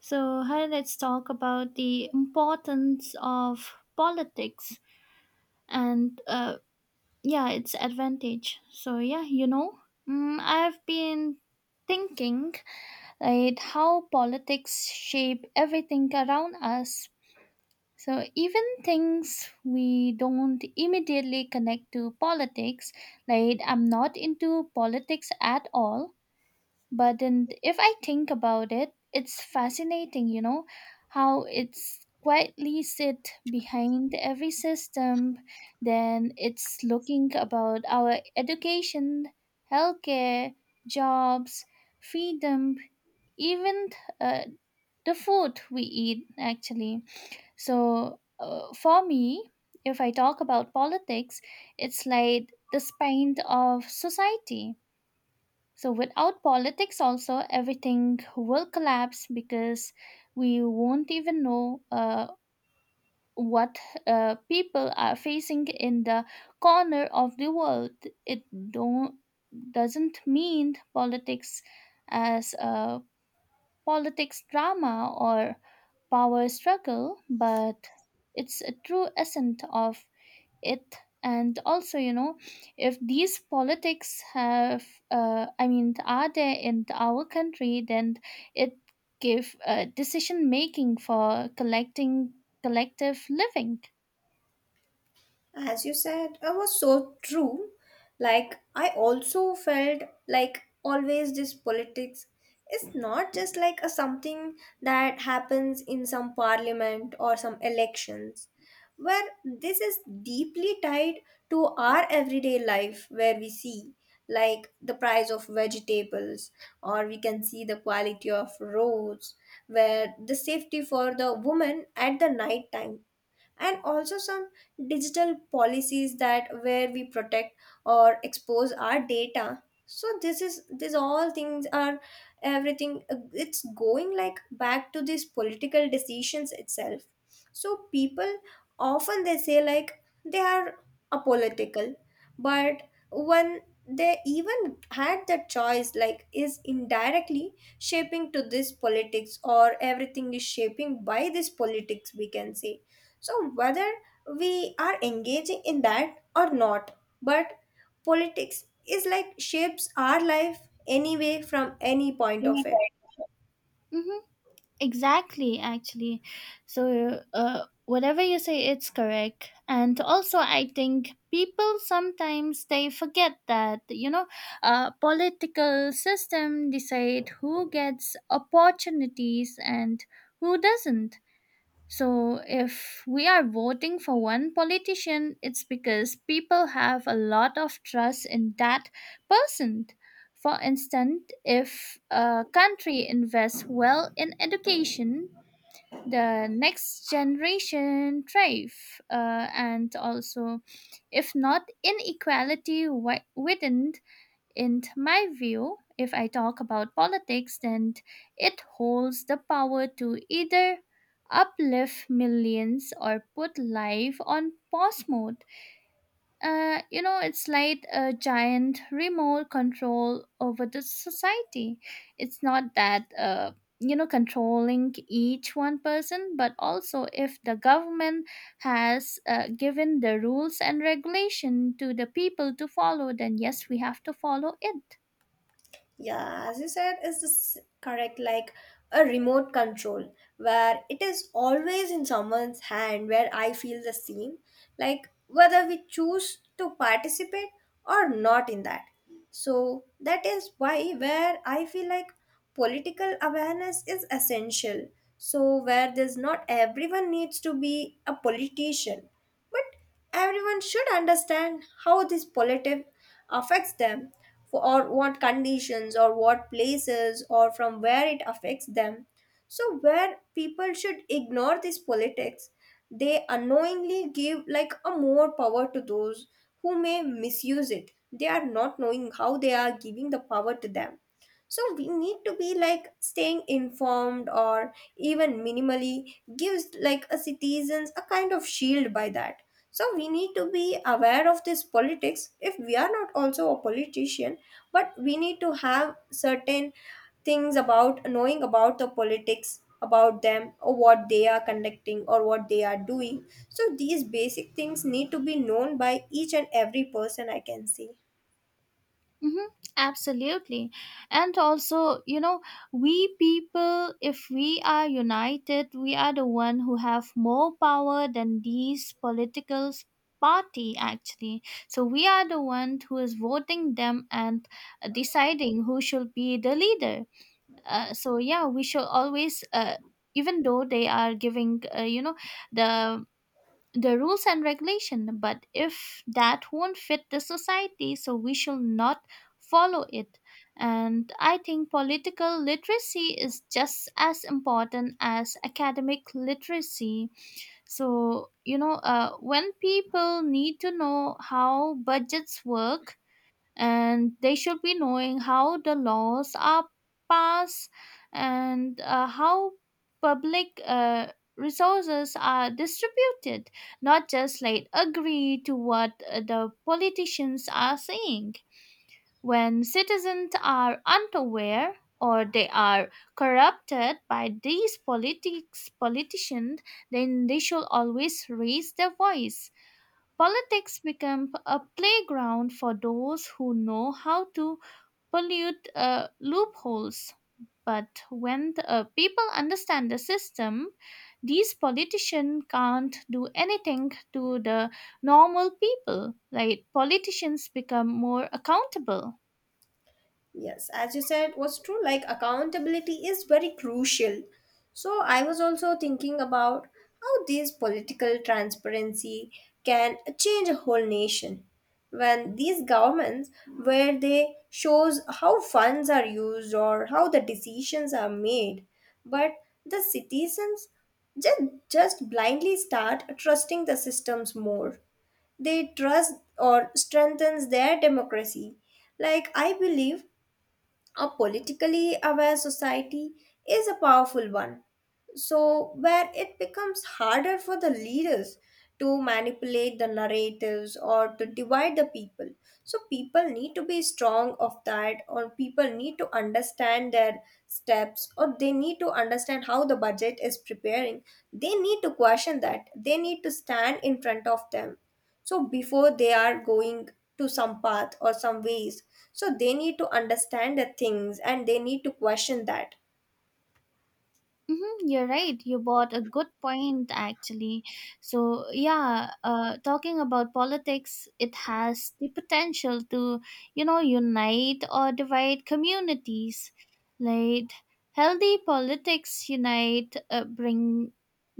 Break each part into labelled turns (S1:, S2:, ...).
S1: So, hi, let's talk about the importance of politics and, uh, yeah, its advantage. So, I've been thinking, right, how politics shape everything around us. So, even things we don't immediately connect to politics, like I'm not into politics at all, but and if I think about it, it's, fascinating, you know, how it's quietly sit behind every system. Then it's looking about our education, healthcare, jobs, freedom, even uh, the food we eat actually. So for me, if I talk about politics, it's like the spine of society. So without politics also everything will collapse because we won't even know what people are facing in the corner of the world. It don't doesn't mean politics as a politics drama or power struggle, but it's a true essence of it. And also, you know, if these politics have are there in our country, then it give decision making for collecting collective living.
S2: As you said, it was so true. Like, I also felt like always this politics is not just like a something that happens in some parliament or some elections, where this is deeply tied to our everyday life, where we see like the price of vegetables, or we can see the quality of roads, where the safety for the woman at the night time, and also some digital policies that where we protect or expose our data. So this all things are everything, it's going like back to these political decisions itself. So people often they say like they are apolitical, but when they even had the choice, like is indirectly shaping to this politics, or everything is shaping by this politics, we can say. So whether we are engaging in that or not, but politics is like shapes our life anyway from any point of it.
S1: Anyway. Mhm. Exactly, actually. So, whatever you say, it's correct. And also, I think people sometimes they forget that, you know, political system decide who gets opportunities and who doesn't. So, if we are voting for one politician, it's because people have a lot of trust in that person. For instance, if a country invests well in education, the next generation thrive, and also, if not, inequality widened. In my view, if I talk about politics, then it holds the power to either uplift millions or put life on pause mode. It's like a giant remote control over the society. It's not that, controlling each one person, but also if the government has given the rules and regulation to the people to follow, then yes, we have to follow it.
S2: Yeah, as you said, is this correct? Like a remote control where it is always in someone's hand, where I feel the same, like whether we choose to participate or not in that. So that is why where I feel like political awareness is essential. So where there's not everyone needs to be a politician, but everyone should understand how this politic affects them, for or what conditions or what places or from where it affects them. So where people should ignore this politics, they unknowingly give like a more power to those who may misuse it. They are not knowing how they are giving the power to them. So we need to be like staying informed, or even minimally gives like a citizens a kind of shield by that. So we need to be aware of this politics. If we are not also a politician, but we need to have certain things about knowing about the politics about them, or what they are conducting or what they are doing. So these basic things need to be known by each and every person, I can say.
S1: Hmm. Absolutely. And also, you know, we people, if we are united, we are the one who have more power than these party, actually. So we are the one who is voting them and deciding who should be the leader. So yeah, we should always. Even though they are giving, the the rules and regulation, but if that won't fit the society, so we shall not follow it. And I think political literacy is just as important as academic literacy. So, you know, when people need to know how budgets work, and they should be knowing how the laws are passed, and how public resources are distributed, not just like agree to what the politicians are saying. When citizens are unaware or they are corrupted by these politics politicians, then they should always raise their voice. Politics become a playground for those who know how to pollute loopholes. But when the, people understand the system, these politicians can't do anything to the normal people. Like politicians become more accountable.
S2: Yes, as you said, was true. Like, accountability is very crucial. So I was also thinking about how these political transparency can change a whole nation. When these governments, where they shows how funds are used or how the decisions are made, but the citizens just, just blindly start trusting the systems more. They trust or strengthens their democracy. Like, I believe a politically aware society is a powerful one. So where it becomes harder for the leaders to manipulate the narratives or to divide the people. So people need to be strong of that, or people need to understand their steps, or they need to understand how the budget is preparing. They need to question that. They need to stand in front of them, so before they are going to some path or some ways, so they need to understand the things and they need to question that.
S1: Mm-hmm, you're right. You brought a good point, actually. So, yeah, talking about politics, it has the potential to, you know, unite or divide communities. Like, healthy politics unite, bring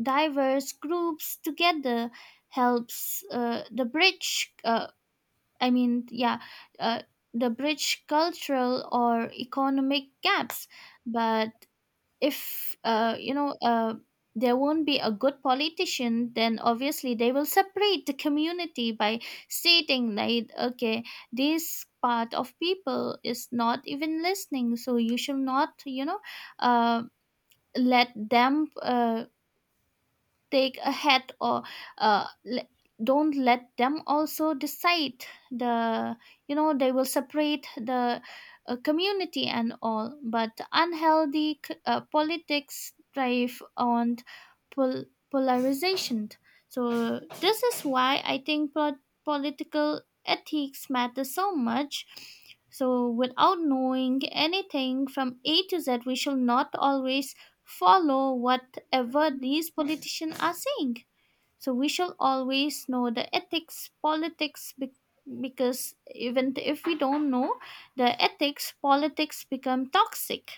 S1: diverse groups together, helps the bridge, I mean, yeah, uh, the bridge cultural or economic gaps. But if there won't be a good politician, then obviously they will separate the community by stating like, okay, this part of people is not even listening, so you should not, you know, uh, let them take ahead, or uh, le- don't let them also decide the, you know, they will separate the community and all. But unhealthy politics thrive on pol- polarization. So this is why I think political ethics matter so much. So without knowing anything from A to Z, we shall not always follow whatever these politicians are saying. So we shall always know the ethics, politics, because even if we don't know the ethics, politics become toxic.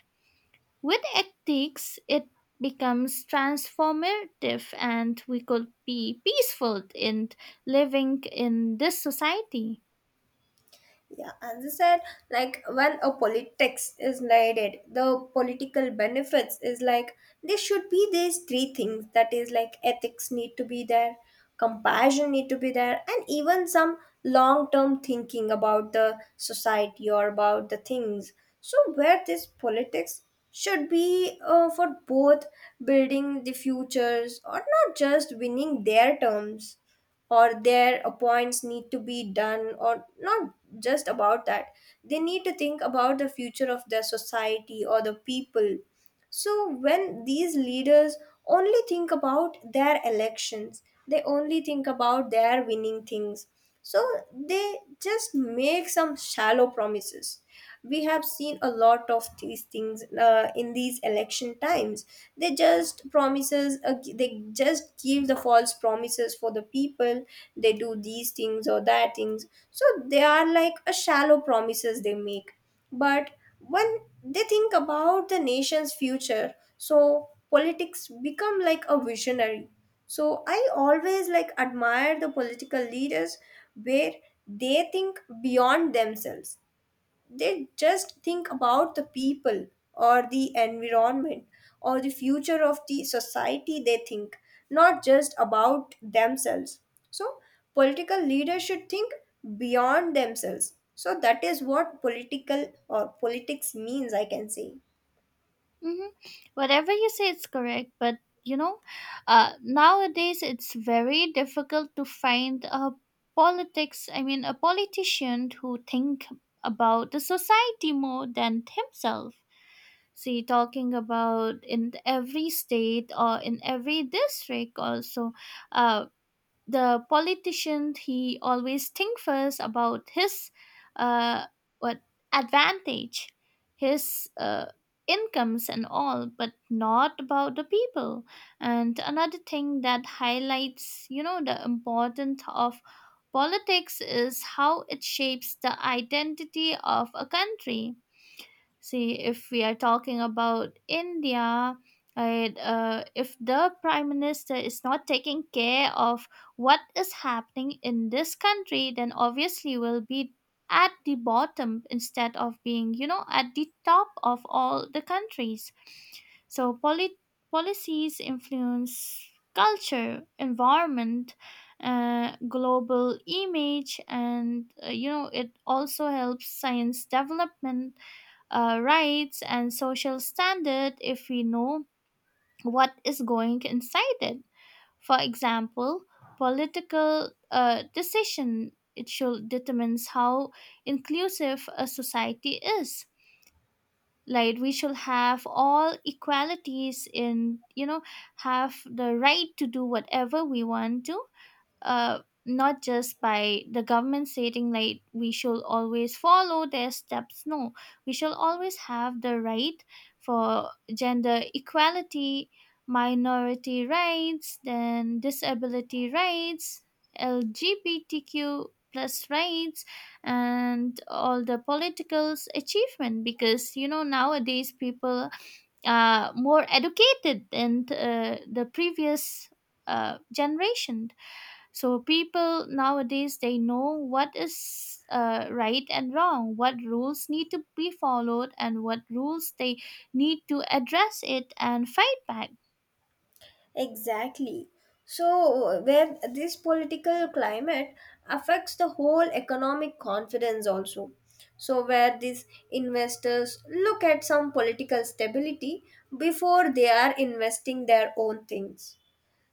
S1: With ethics, it becomes transformative and we could be peaceful in living in this society.
S2: Yeah, as I said, like when a politics is needed, the political benefits is like there should be these three things, that is like ethics need to be there, compassion need to be there, and even some long term thinking about the society or about the things. So where this politics should be for both building the futures, or not just winning their terms or their appoints need to be done, or not just about that. They need to think about the future of their society or the people. So when these leaders only think about their elections, they only think about their winning things. So they just make some shallow promises. We have seen a lot of these things in these election times. They just promises, they just give the false promises for the people. They do these things or that things. So they are like a shallow promises they make, but when they think about the nation's future, so politics become like a visionary. So I always like admire the political leaders where they think beyond themselves, they just think about the people or the environment or the future of the society they think, not just about themselves. So political leaders should think beyond themselves, so that is what political or politics means, I can say.
S1: Hmm. Whatever you say, it's correct. But you know, nowadays it's very difficult to find a politics. I mean, a politician who think about the society more than himself. See, talking about in every state or in every district also, uh, the politician he always think first about his uh, what advantage, his incomes and all, but not about the people. And another thing that highlights, you know, the importance of politics is how it shapes the identity of a country. See, if we are talking about India, right, if the prime minister is not taking care of what is happening in this country, then obviously we'll be at the bottom instead of being, you know, at the top of all the countries. So, policies influence culture, environment, global image, and you know, it also helps science development, rights and social standard if we know what is going inside it. For example, political decision it should determines how inclusive a society is. Like we should have all equalities in, you know, have the right to do whatever we want to. uh, Not just by the government stating like we shall always follow their steps. No, we shall always have the right for gender equality, minority rights, then disability rights, LGBTQ plus rights, and all the politicals achievement. Because you know, nowadays people are more educated than the previous generation. So people nowadays they know what is right and wrong, what rules need to be followed and what rules they need to address it and fight back.
S2: Exactly. So where this political climate affects the whole economic confidence also. So where these investors look at some political stability before they are investing their own things.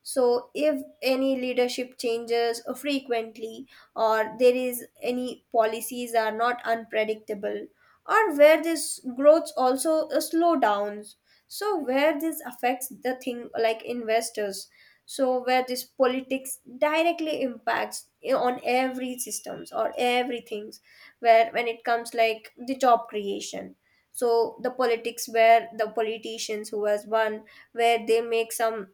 S2: So if any leadership changes frequently, or there is any policies are not unpredictable, or where this growth also slow downs, so where this affects the thing like investors, so where this politics directly impacts on every systems or everything, where when it comes like the job creation. So the politics where the politicians who has won, where they make some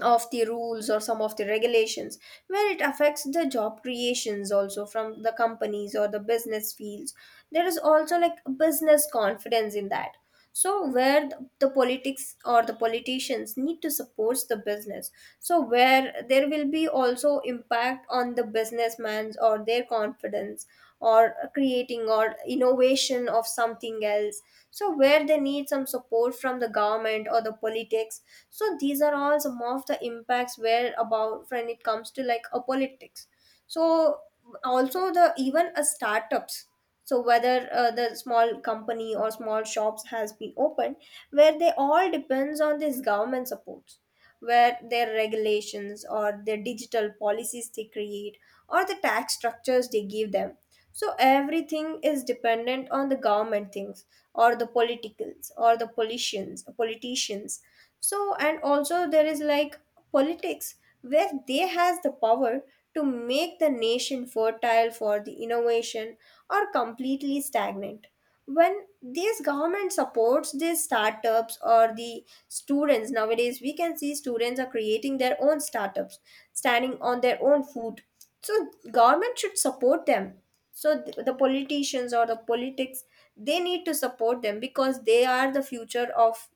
S2: of the rules or some of the regulations, where it affects the job creations also from the companies or the business fields. There is also like business confidence in that, so where the politics or the politicians need to support the business, so where there will be also impact on the businessman's or their confidence, or creating or innovation of something else. So where they need some support from the government or the politics. So these are all some of the impacts where about when it comes to like a politics. So also the even a startups, so whether the small company or small shops has been opened, where they all depends on this government supports, where their regulations or their digital policies they create, or the tax structures they give them. So everything is dependent on the government things, or the politicals or the politicians. So and also there is like politics where they has the power to make the nation fertile for the innovation or completely stagnant. When these government supports these startups or the students, nowadays we can see students are creating their own startups, standing on their own foot. So government should support them. So the politicians or the politics, they need to support them because they are the future of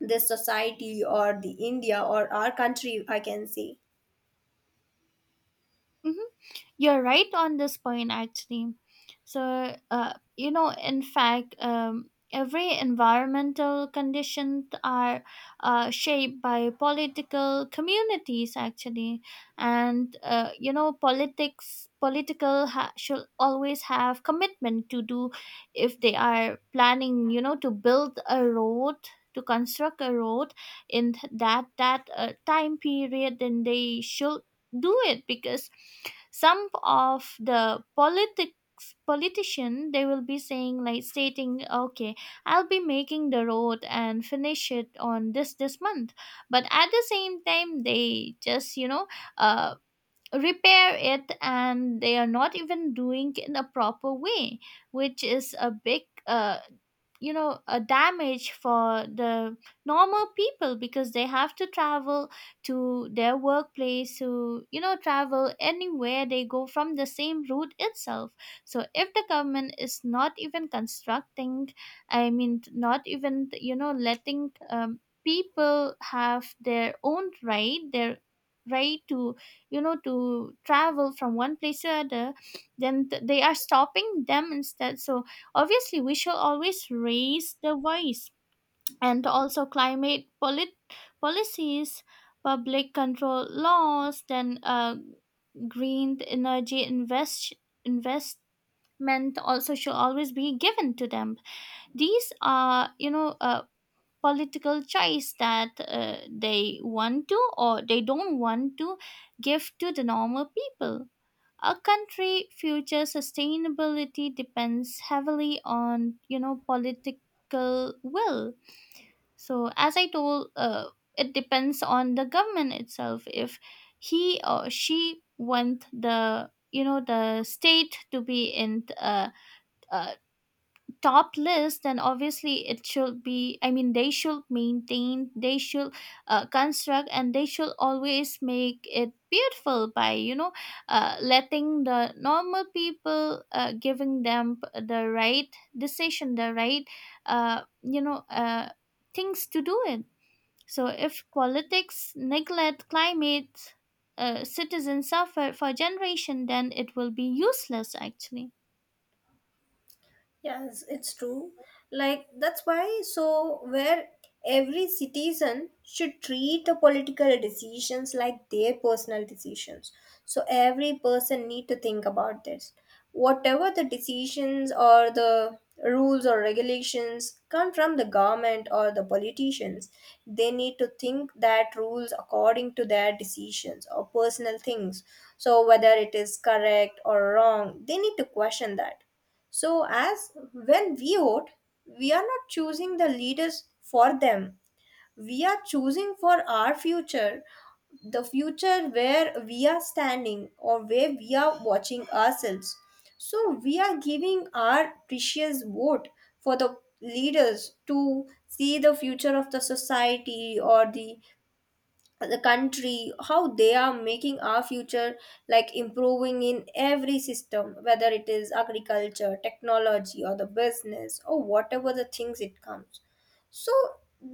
S2: this society or the India or our country, I can say.
S1: Mhm. You're right on this point, actually. So, in fact, every environmental conditions are shaped by political communities, actually. And you know, politics should always have commitment to do. If they are planning, you know, to build a road, to construct a road in that time period, then they should do it. Because some of the politics politician they will be saying like stating, okay, I'll be making the road and finish it on this month, but at the same time they just, you know, uh repair it and they are not even doing it in a proper way, which is a big you know a damage for the normal people because they have to travel to their workplace, to, you know, travel anywhere they go from the same route itself. So if the government is not even constructing, I mean, not even, you know, letting people have their own right to, you know, to travel from one place to other, then they are stopping them instead. So obviously, we should always raise the voice. And also, climate policies, public control laws, then green energy investment also should always be given to them. These are, you know, political choice that they want to or they don't want to give to the normal people. A country future sustainability depends heavily on, you know, political will. So as I told, it depends on the government itself. If he or she want the, you know, the state to be in, uh, top list, then obviously it should be, I mean, they should maintain, they should construct, and they should always make it beautiful by, you know, letting the normal people, giving them the right decision, the right uh, you know uh, things to do it. So if politics neglect climate, citizens suffer for generation, then it will be useless actually.
S2: Yes, it's true. Like, that's why so where every citizen should treat the political decisions like their personal decisions. So every person need to think about this. Whatever the decisions or the rules or regulations come from the government or the politicians, they need to think that rules according to their decisions or personal things. So whether it is correct or wrong, they need to question that. So, as when we vote, we are not choosing the leaders for them. We are choosing for our future, the future where we are standing or where we are watching ourselves. So we are giving our precious vote for the leaders to see the future of the society or the country, how they are making our future, like improving in every system, whether it is agriculture technology or the business or whatever the things it comes. So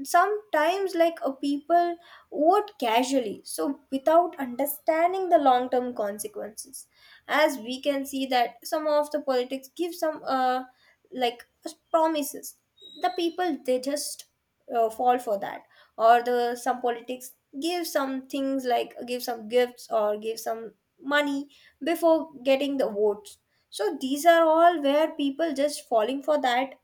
S2: sometimes like a people vote casually, so without understanding the long term consequences. As we can see that some of the politics give some like promises, the people they just fall for that, or the some politics give some things like give some gifts or give some money before getting the votes. So these are all where people just falling for that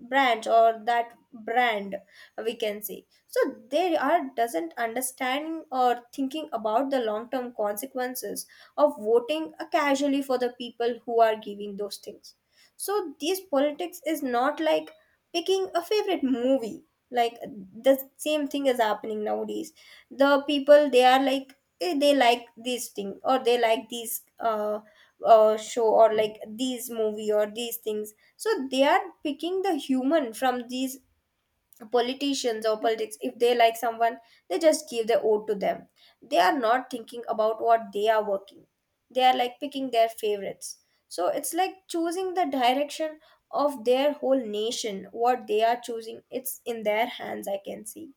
S2: branch or that brand, we can say. So they are doesn't understanding or thinking about the long term consequences of voting casually for the people who are giving those things. So these politics is not like picking a favorite movie. Like the same thing is happening nowadays. The people they are like, they like this thing, or they like these show, or like these movie or these things. So they are picking the human from these politicians or politics. If they like someone, they just give the vote to them. They are not thinking about what they are working. They are like picking their favorites. So it's like choosing the direction of their whole nation. What they are choosing, it's in their hands, I can see.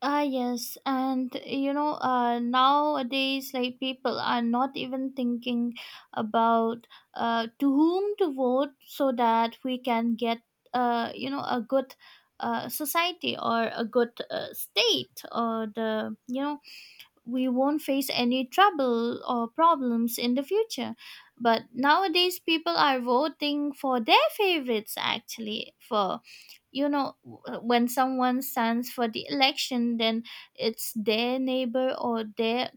S1: Ah, yes. And, you know, nowadays, like, people are not even thinking about to whom to vote so that we can get, you know, a good society or a good state, or the, you know, we won't face any trouble or problems in the future. But nowadays, people are voting for their favorites, actually. For, you know, when someone stands for the election, then it's their neighbor or their,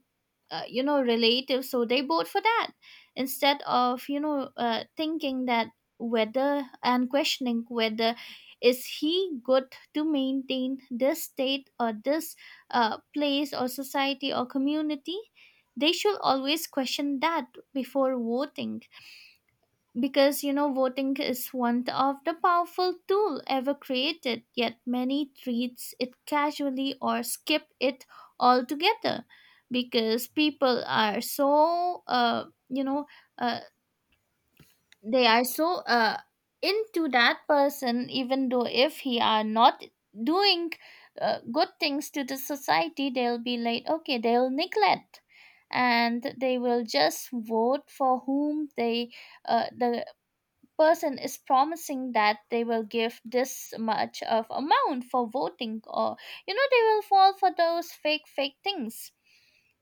S1: you know, relative, so they vote for that instead of, you know, thinking that whether and questioning whether is he good to maintain this state or this place or society or community. They should always question that before voting. Because, you know, voting is one of the powerful tool ever created, yet many treats it casually or skip it altogether. Because people are so, uh, they are so into that person. Even though if he are not doing good things to the society, they'll be like okay, they'll neglect, and they will just vote for whom they, the person is promising that they will give this much of amount for voting. Or, you know, they will fall for those fake things.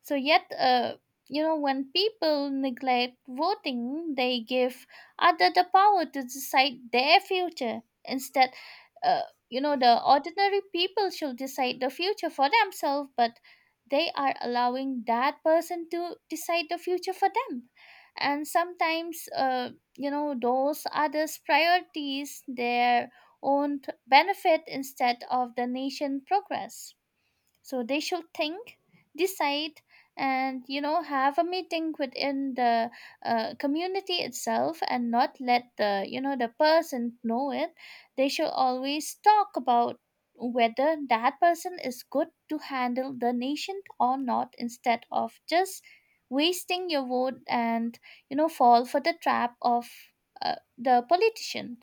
S1: So yet, when people neglect voting, they give other the power to decide their future instead. uh, you know, the ordinary people should decide the future for themselves, but they are allowing that person to decide the future for them. And sometimes, you know, those others priorities their own benefit instead of the nation progress. So they should think, decide, and, you know, have a meeting within the community itself and not let the, you know, the person know it. They should always talk about whether that person is good to handle the nation or not, instead of just wasting your vote and, you know, fall for the trap of uh, the politician.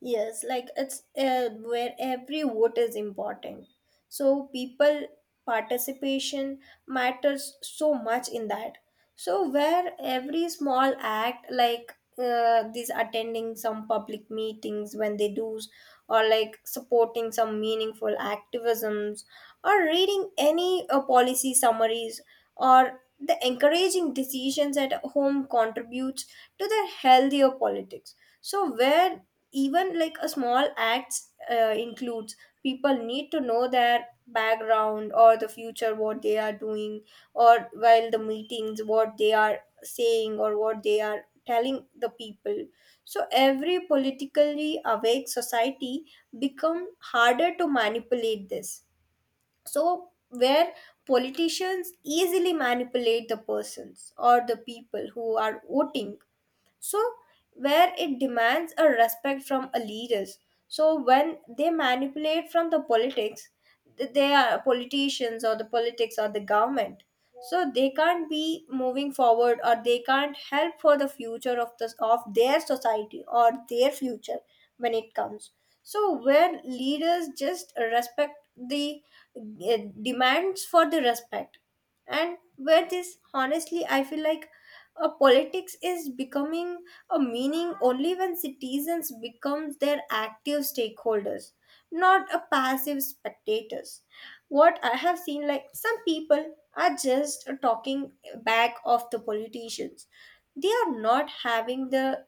S2: Yes, like it's where every vote is important. So people participation matters so much in that. So where every small act, like these attending some public meetings when they do, or like supporting some meaningful activisms, or reading any policy summaries, or the encouraging decisions at home contributes to the healthier politics. So where even like a small act includes, people need to know their background or the future what they are doing, or while the meetings what they are saying or what they are telling the people. So every politically awake society become harder to manipulate this. So where politicians easily manipulate the persons or the people who are voting. So where it demands a respect from a leaders. So when they manipulate from the politics, they are politicians or the politics or the government, so they can't be moving forward or they can't help for the future of this of their society or their future when it comes. So where leaders just respect the, demands for the respect. And where this honestly I feel like a politics is becoming a meaning only when citizens becomes their active stakeholders, not a passive spectators. What I have seen, like some people are just talking back of the politicians. They are not having the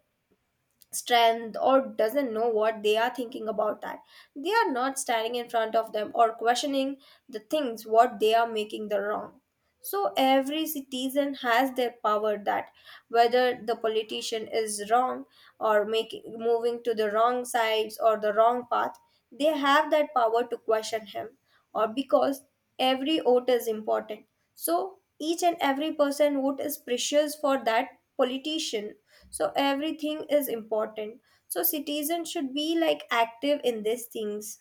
S2: strength or doesn't know what they are thinking about that. They are not standing in front of them or questioning the things what they are making the wrong. So every citizen has their power that whether the politician is wrong or making moving to the wrong sides or the wrong path, they have that power to question him, or because every vote is important. So each and every person vote is precious for that politician. So everything is important. So citizens should be like active in these things.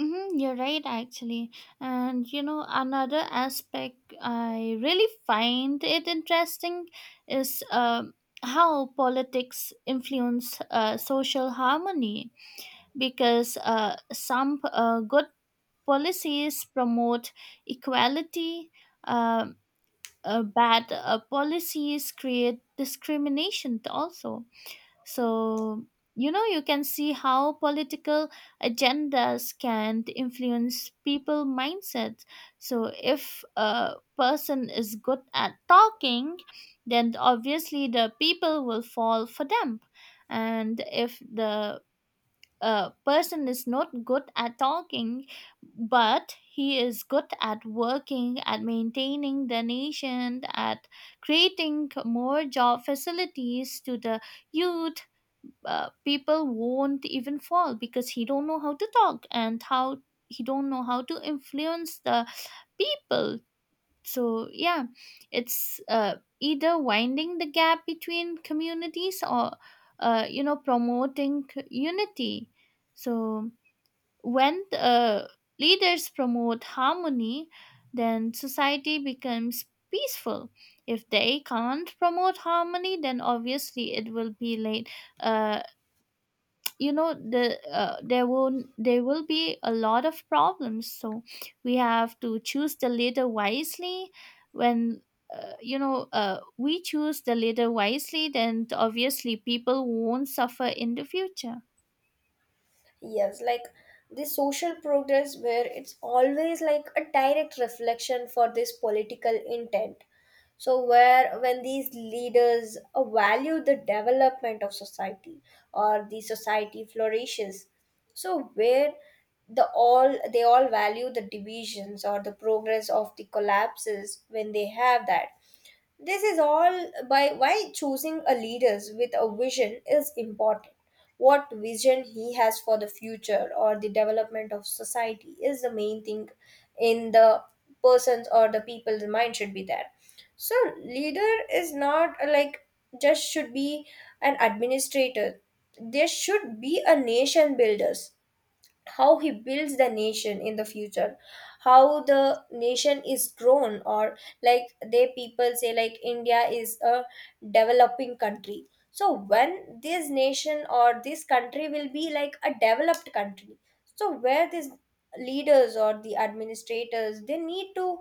S1: Mm-hmm, you're right, actually. And you know, another aspect I really find it interesting is how politics influence social harmony. Because some good policies promote equality, uh, bad policies create discrimination also. So, you know, you can see how political agendas can influence people mindsets. So, if a person is good at talking, then obviously the people will fall for them. And if the person is not good at talking, but he is good at working, at maintaining the nation, at creating more job facilities to the youth. People won't even fall because he don't know how to talk and how he don't know how to influence the people. So yeah, it's either winding the gap between communities or, you know, promoting unity. So when leaders promote harmony, then society becomes peaceful. If they can't promote harmony, then obviously it will be like, uh, there won't there will be a lot of problems. So we have to choose the leader wisely. When, we choose the leader wisely, then obviously people won't suffer in the future.
S2: Yes, like the social progress, where it's always like a direct reflection for this political intent. So where when these leaders value the development of society or the society flourishes, so where the all they all value the divisions or the progress of the collapses when they have that, this is all by why choosing a leaders with a vision is important. What vision he has for the future or the development of society is the main thing in the person's or the people's mind should be there. So leader is not like just should be an administrator. There should be a nation builders, how he builds the nation in the future, how the nation is grown, or like they people say like India is a developing country. So when this nation or this country will be like a developed country, so where these leaders or the administrators, they need to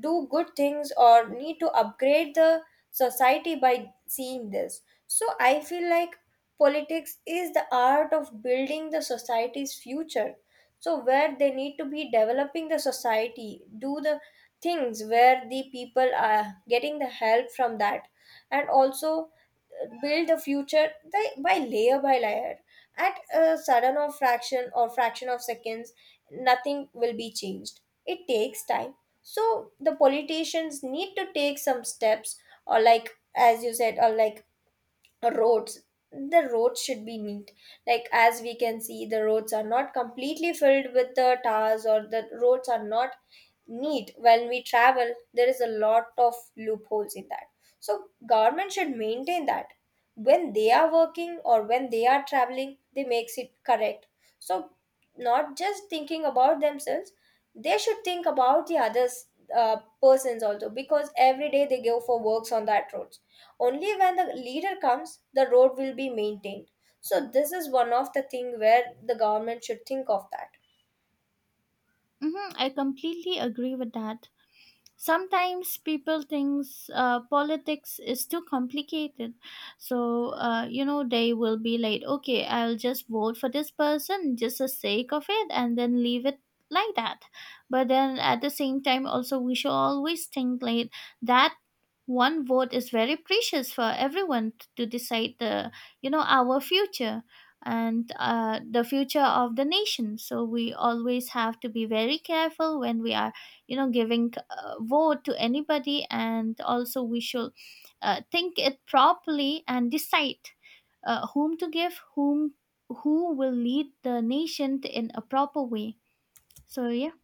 S2: do good things or need to upgrade the society by seeing this. So I feel like politics is the art of building the society's future. So, where they need to be developing the society, do the things where the people are getting the help from that, and also build the future by layer by layer. At a sudden or fraction of seconds, nothing will be changed. It takes time. So, the politicians need to take some steps, or like as you said, or like roads, the roads should be neat. Like as we can see, the roads are not completely filled with the tars, or the roads are not neat when we travel. There is a lot of loopholes in that, so government should maintain that. When they are working or when they are traveling, they makes it correct. So not just thinking about themselves, they should think about the others, uh, persons also, because every day they go for works on that road. Only when the leader comes the road will be maintained. So this is one of the thing where the government should think of that.
S1: Hmm, I completely agree with that. Sometimes people thinks politics is too complicated. So, you know, they will be like, okay, I'll just vote for this person just the sake of it and then leave it like that. But then at the same time, also, we should always think like that one vote is very precious for everyone to decide the, you know, our future and the future of the nation. So we always have to be very careful when we are, you know, giving vote to anybody. And also we should, think it properly and decide whom to give, who will lead the nation in a proper way. So yeah.